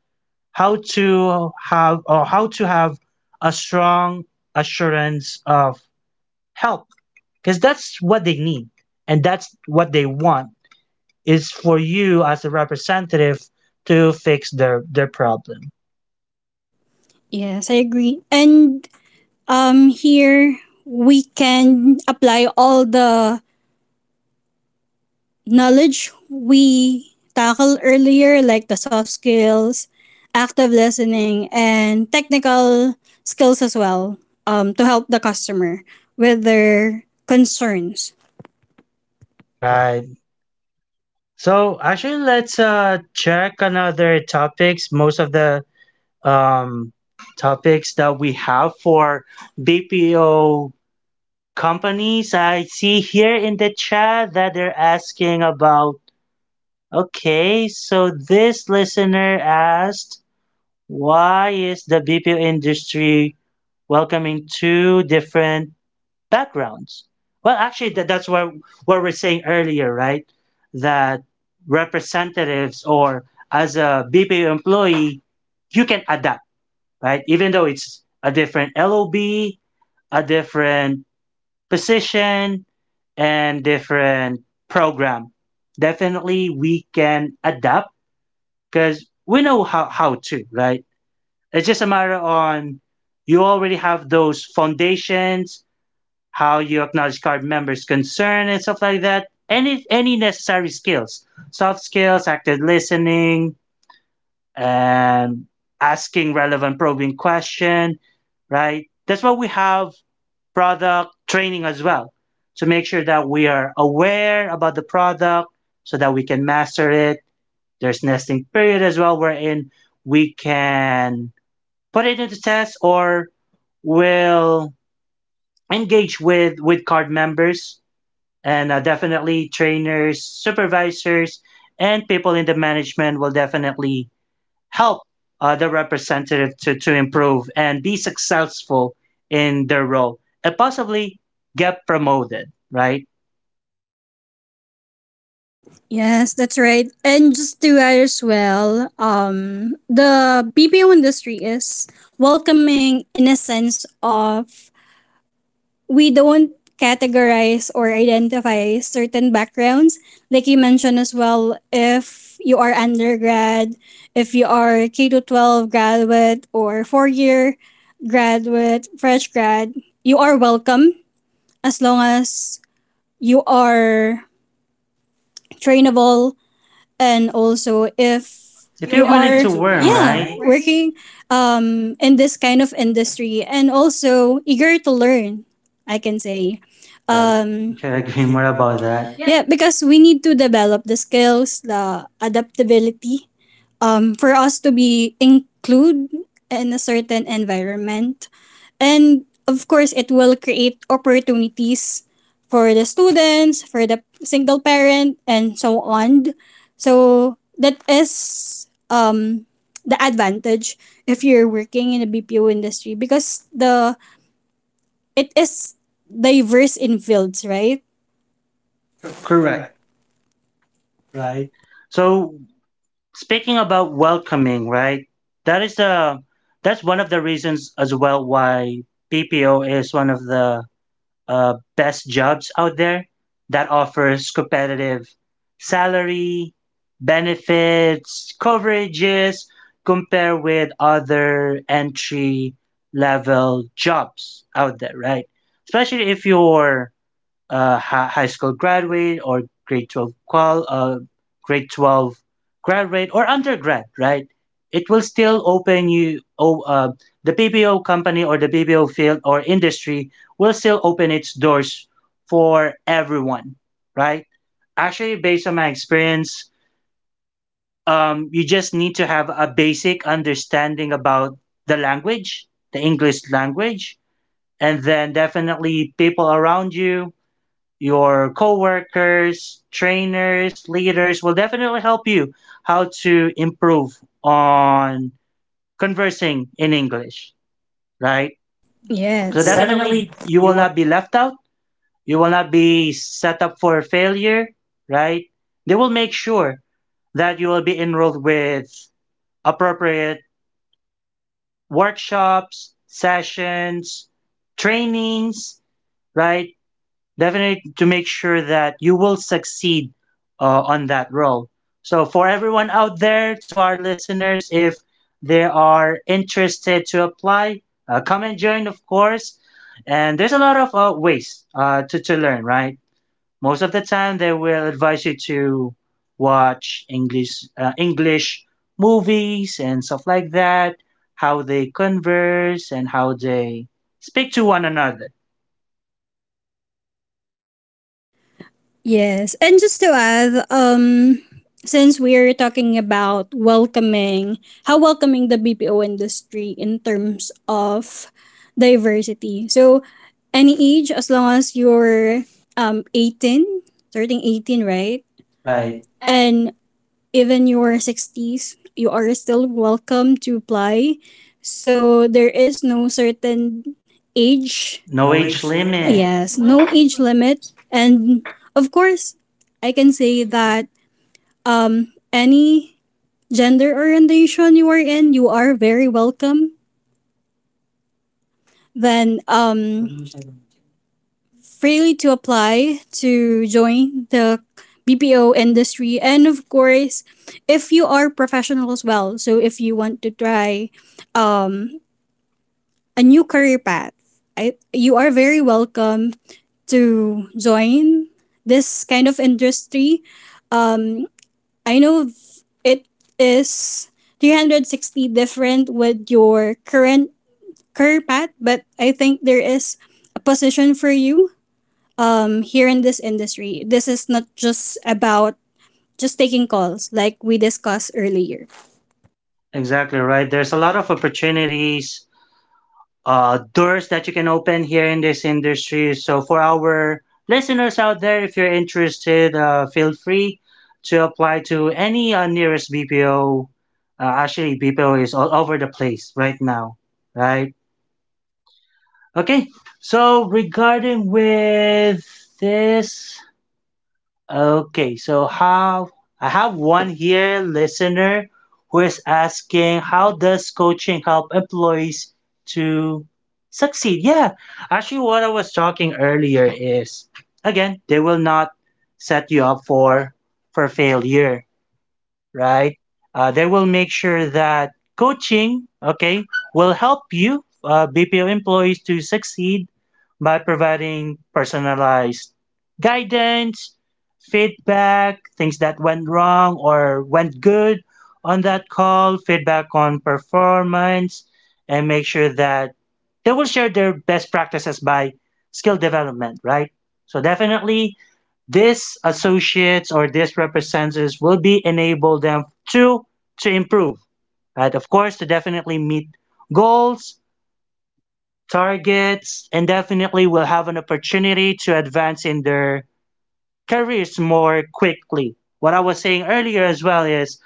A: how to have or how to have a strong assurance of help because that's what they need and that's what they want is for you as a representative to fix their their problem,
B: Yes i agree and um here we can apply all the knowledge we tackled earlier, like the soft skills, active listening, and technical skills as well, um, to help the customer with their concerns. Right.
A: right? So actually, let's uh check another topics. Most of the um topics that we have for BPO companies, I see here in the chat that they're asking about. Okay, so this listener asked, why is the BPO industry welcoming two different backgrounds? Well, actually, that, that's what, what we're saying earlier, right? That representatives or as a B P O employee, you can adapt, right? Even though it's a different L O B, a different position, and different program. Definitely, we can adapt because we know how, how to, right? It's just a matter on you already have those foundations how you acknowledge card members' concern and stuff like that. Any any necessary skills, soft skills, active listening, and asking relevant probing question. Right. That's why we have product training as well to make sure that we are aware about the product so that we can master it. There's nesting period as well wherein we can put it into test or will engage with with card members, and uh, definitely trainers, supervisors, and people in the management will definitely help uh, the representative to, to improve and be successful in their role and possibly get promoted, right?
B: Yes, that's right. And just to add as well, um, the BPO industry is welcoming in a sense of we don't categorize or identify certain backgrounds. Like you mentioned as well, if you are undergrad, if you are K to twelve graduate, or four year graduate, fresh grad, you are welcome as long as you are trainable. And also if
A: If
B: you
A: you're willing
B: you're
A: to
B: work,
A: learn,
B: yeah,
A: right?
B: right,
A: Right.
B: working um in this kind of industry, and also eager to learn, I can say
A: I
B: um
A: can
B: can I
A: agree
B: agree
A: more
B: more
A: about
B: about
A: that.
B: that? Yeah, because we need to develop the skills, the adaptability, um for us to be include in a certain environment. And of course, it will create opportunities for the students, for the single parent, and so on. So that is um, the advantage if you're working in the B P O industry, because the it is diverse in fields, right?
A: Cor- correct.
B: Correct,
A: Right.
B: right? So
A: So speaking about welcoming, right? That is the that's one of the reasons as well why P P O is one of the uh, best jobs out there that offers competitive salary, benefits, coverages, compare with other entry level jobs out there, right? Especially if you're uh, hi- high school graduate or grade twelve qual uh, grade twelve graduate or undergrad, right? It will still open you oh, uh, the bpo company or the bpo field or industry will still open its doors for everyone, right? Actually, based on my experience, um, you just need to have a basic understanding about the language the English language, and then definitely people around you, your coworkers, trainers, leaders will definitely help you how to improve on conversing in English, right? So
B: yes,
A: definitely
B: definitely,
A: you will
B: you.
A: not be left out. You will not be set up for failure, right? They will make sure that you will be enrolled with appropriate workshops, sessions, trainings, right? Definitely to make sure that you will succeed uh, on that role. So, for everyone out there, to our listeners, if they are interested to apply, uh, come and join, of course. And there's a lot of uh, ways uh, to, to learn, right? Most of the time, they will advise you to watch English uh, English movies and stuff like that, how they converse and how they speak to one another.
B: Yes. And just to add, um, since we're talking about welcoming, how welcoming the B P O industry in terms of diversity. So, any age, as long as you're um, eighteen, starting eighteen, right?
A: Right.
B: Right. And even your sixties, you are still welcome to apply. So there is no certain age.
A: No
B: No
A: age
B: age limit.
A: limit.
B: Yes, no
A: limit.
B: age limit. And of course, I can say that um, any gender orientation you are in, you are very welcome. Then um, freely to apply to join the B P O industry. And of course, if you are professional as well, so if you want to try um, a new career path, I, you are very welcome to join this kind of industry. Um, I know it is three hundred sixty different with your current career path, but I think there is a position for you um here in this industry. This is not just about just taking calls like we discussed earlier.
A: Exactly right. There's a lot of opportunities, uh, doors that you can open here in this industry. So for our listeners out there, if you're interested, uh, feel free to apply to any uh, nearest B P O. Uh, actually, B P O is all over the place right now, right? Okay. So regarding with this, okay, so how I have one here listener who is asking, how does coaching help employees to succeed? Yeah, actually what I was talking earlier is again, they will not set you up for for failure, right? Uh, they will make sure that coaching, okay, will help you, uh, B P O employees, to succeed by providing personalized guidance, feedback, things that went wrong or went good on that call, feedback on performance, and make sure that they will share their best practices by skill development, right? So definitely this associates or this representatives will be enable them to to improve, right? Of course, to definitely meet goals, targets, and definitely will have an opportunity to advance in their careers more quickly. What I was saying earlier as well is,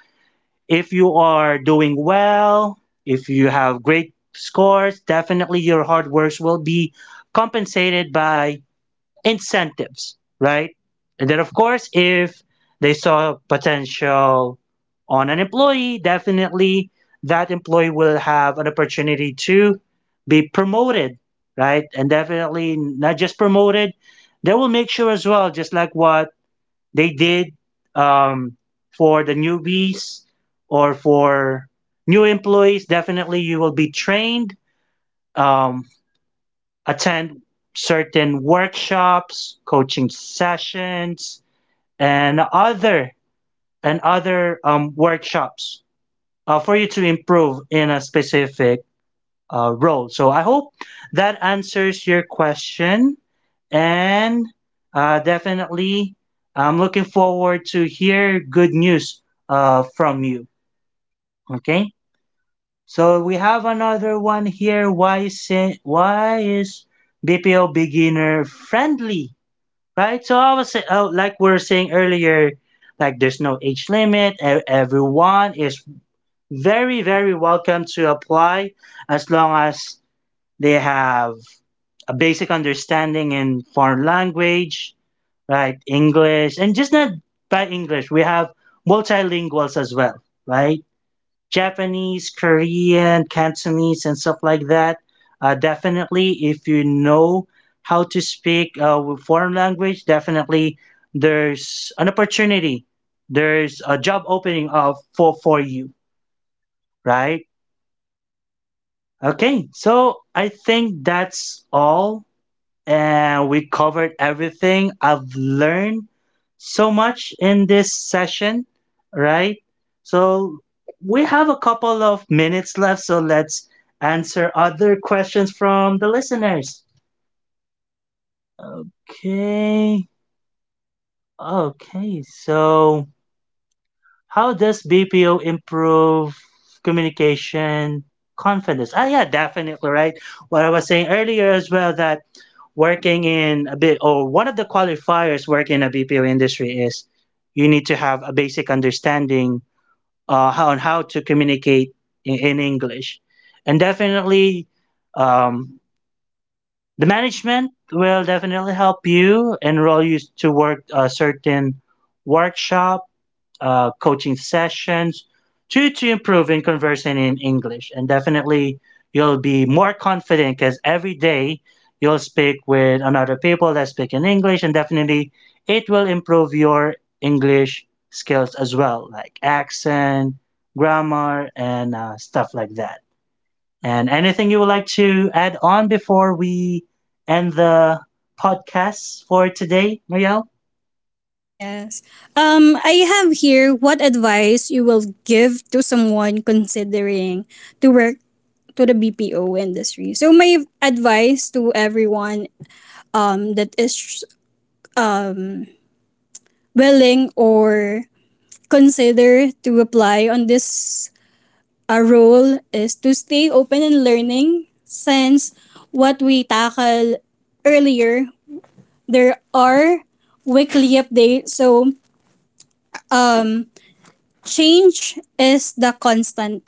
A: if you are doing well, if you have great scores, definitely your hard work will be compensated by incentives, right? And then, of course, if they saw potential on an employee, definitely that employee will have an opportunity to be promoted, right? And definitely not just promoted, they will make sure as well, just like what they did um, for the newbies or for new employees, definitely you will be trained. Um, Attend certain workshops, coaching sessions, and other and other um, workshops uh, for you to improve in a specific uh, role. So I hope that answers your question, and uh, definitely I'm looking forward to hear good news uh, from you. Okay. So we have another one here. Why is why is B P O beginner friendly, right? So I was say- uh, like we were saying earlier, like there's no age limit. e- Everyone is very very welcome to apply as long as they have a basic understanding in foreign language, right? English and just not by English. We have multilinguals as well, right? Japanese, Korean, Cantonese, and stuff like that. Uh, definitely, if you know how to speak uh, with foreign language, definitely there's an opportunity. There's a job opening uh, for for you, right? Okay, so I think that's all and we covered everything. I've learned so much in this session, right? So we have a couple of minutes left, so let's answer other questions from the listeners. Okay. Okay, so how does B P O improve communication confidence? Ah, yeah, definitely, right? What I was saying earlier as well that working in a bit, or one of the qualifiers working in a B P O industry is you need to have a basic understanding uh, how, on how to communicate in, in English. And definitely, um, the management will definitely help you enroll you to work a certain workshop uh, coaching sessions to to improving conversing in English. And definitely, you'll be more confident because every day you'll speak with another people that speak in English, and definitely it will improve your English skills as well, like accent, grammar, and uh, stuff like that. And anything you would like to add on before we end the podcast for today, Marielle?
B: Ah, yes. Um I have here, what advice you will give to someone considering to work to the B P O industry. So my advice to everyone um that is um willing or consider to apply on this our role is to stay open and learning, since what we tackle earlier, there are weekly updates. So um change is the constant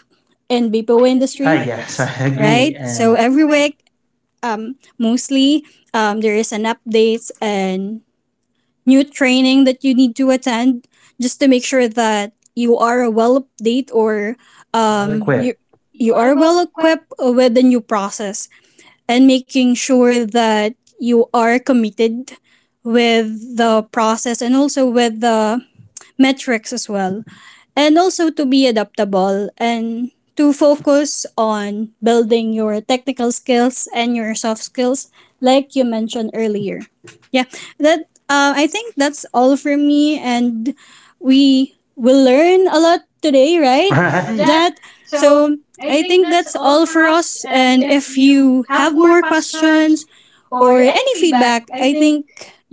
B: in
A: Go
B: B P O
A: industry. Ah,
B: industry. Ah,
A: yes,
B: yes. I
A: I
B: agree.
A: agree. Right?
B: Right.
A: And
B: So every week um mostly um there is an updates and new training that you need to attend, just to make sure that you are well update, or
A: really,
B: um, well-equipped. You, you are well equipped with the new process, and making sure that you are committed with the process, and also with the metrics as well, and also to be adaptable, and to focus on building your technical skills and your soft skills, like you mentioned earlier. Yeah, that uh, I think that's all for me. And we will learn a lot today,
A: right.
B: right? Right. That so I think that's all for us. And if you have more questions or any feedback, I think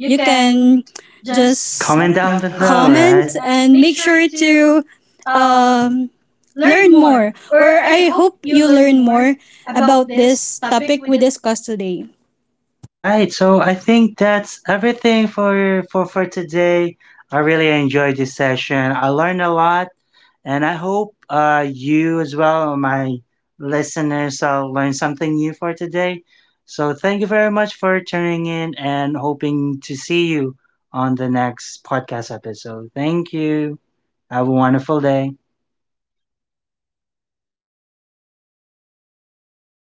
B: you can just,
A: Comment
B: comment
A: down
B: down below,
A: below, right?
B: comment and make sure to um, learn more. Or I hope you learn more about this topic we discussed today.
A: Right. So I think that's everything for for for today. I really enjoyed this session. I learned a lot, and I hope uh, you as well, my listeners, uh, learned something new for today. So thank you very much for tuning in, and hoping to see you on the next podcast episode. Thank you. Have a wonderful day.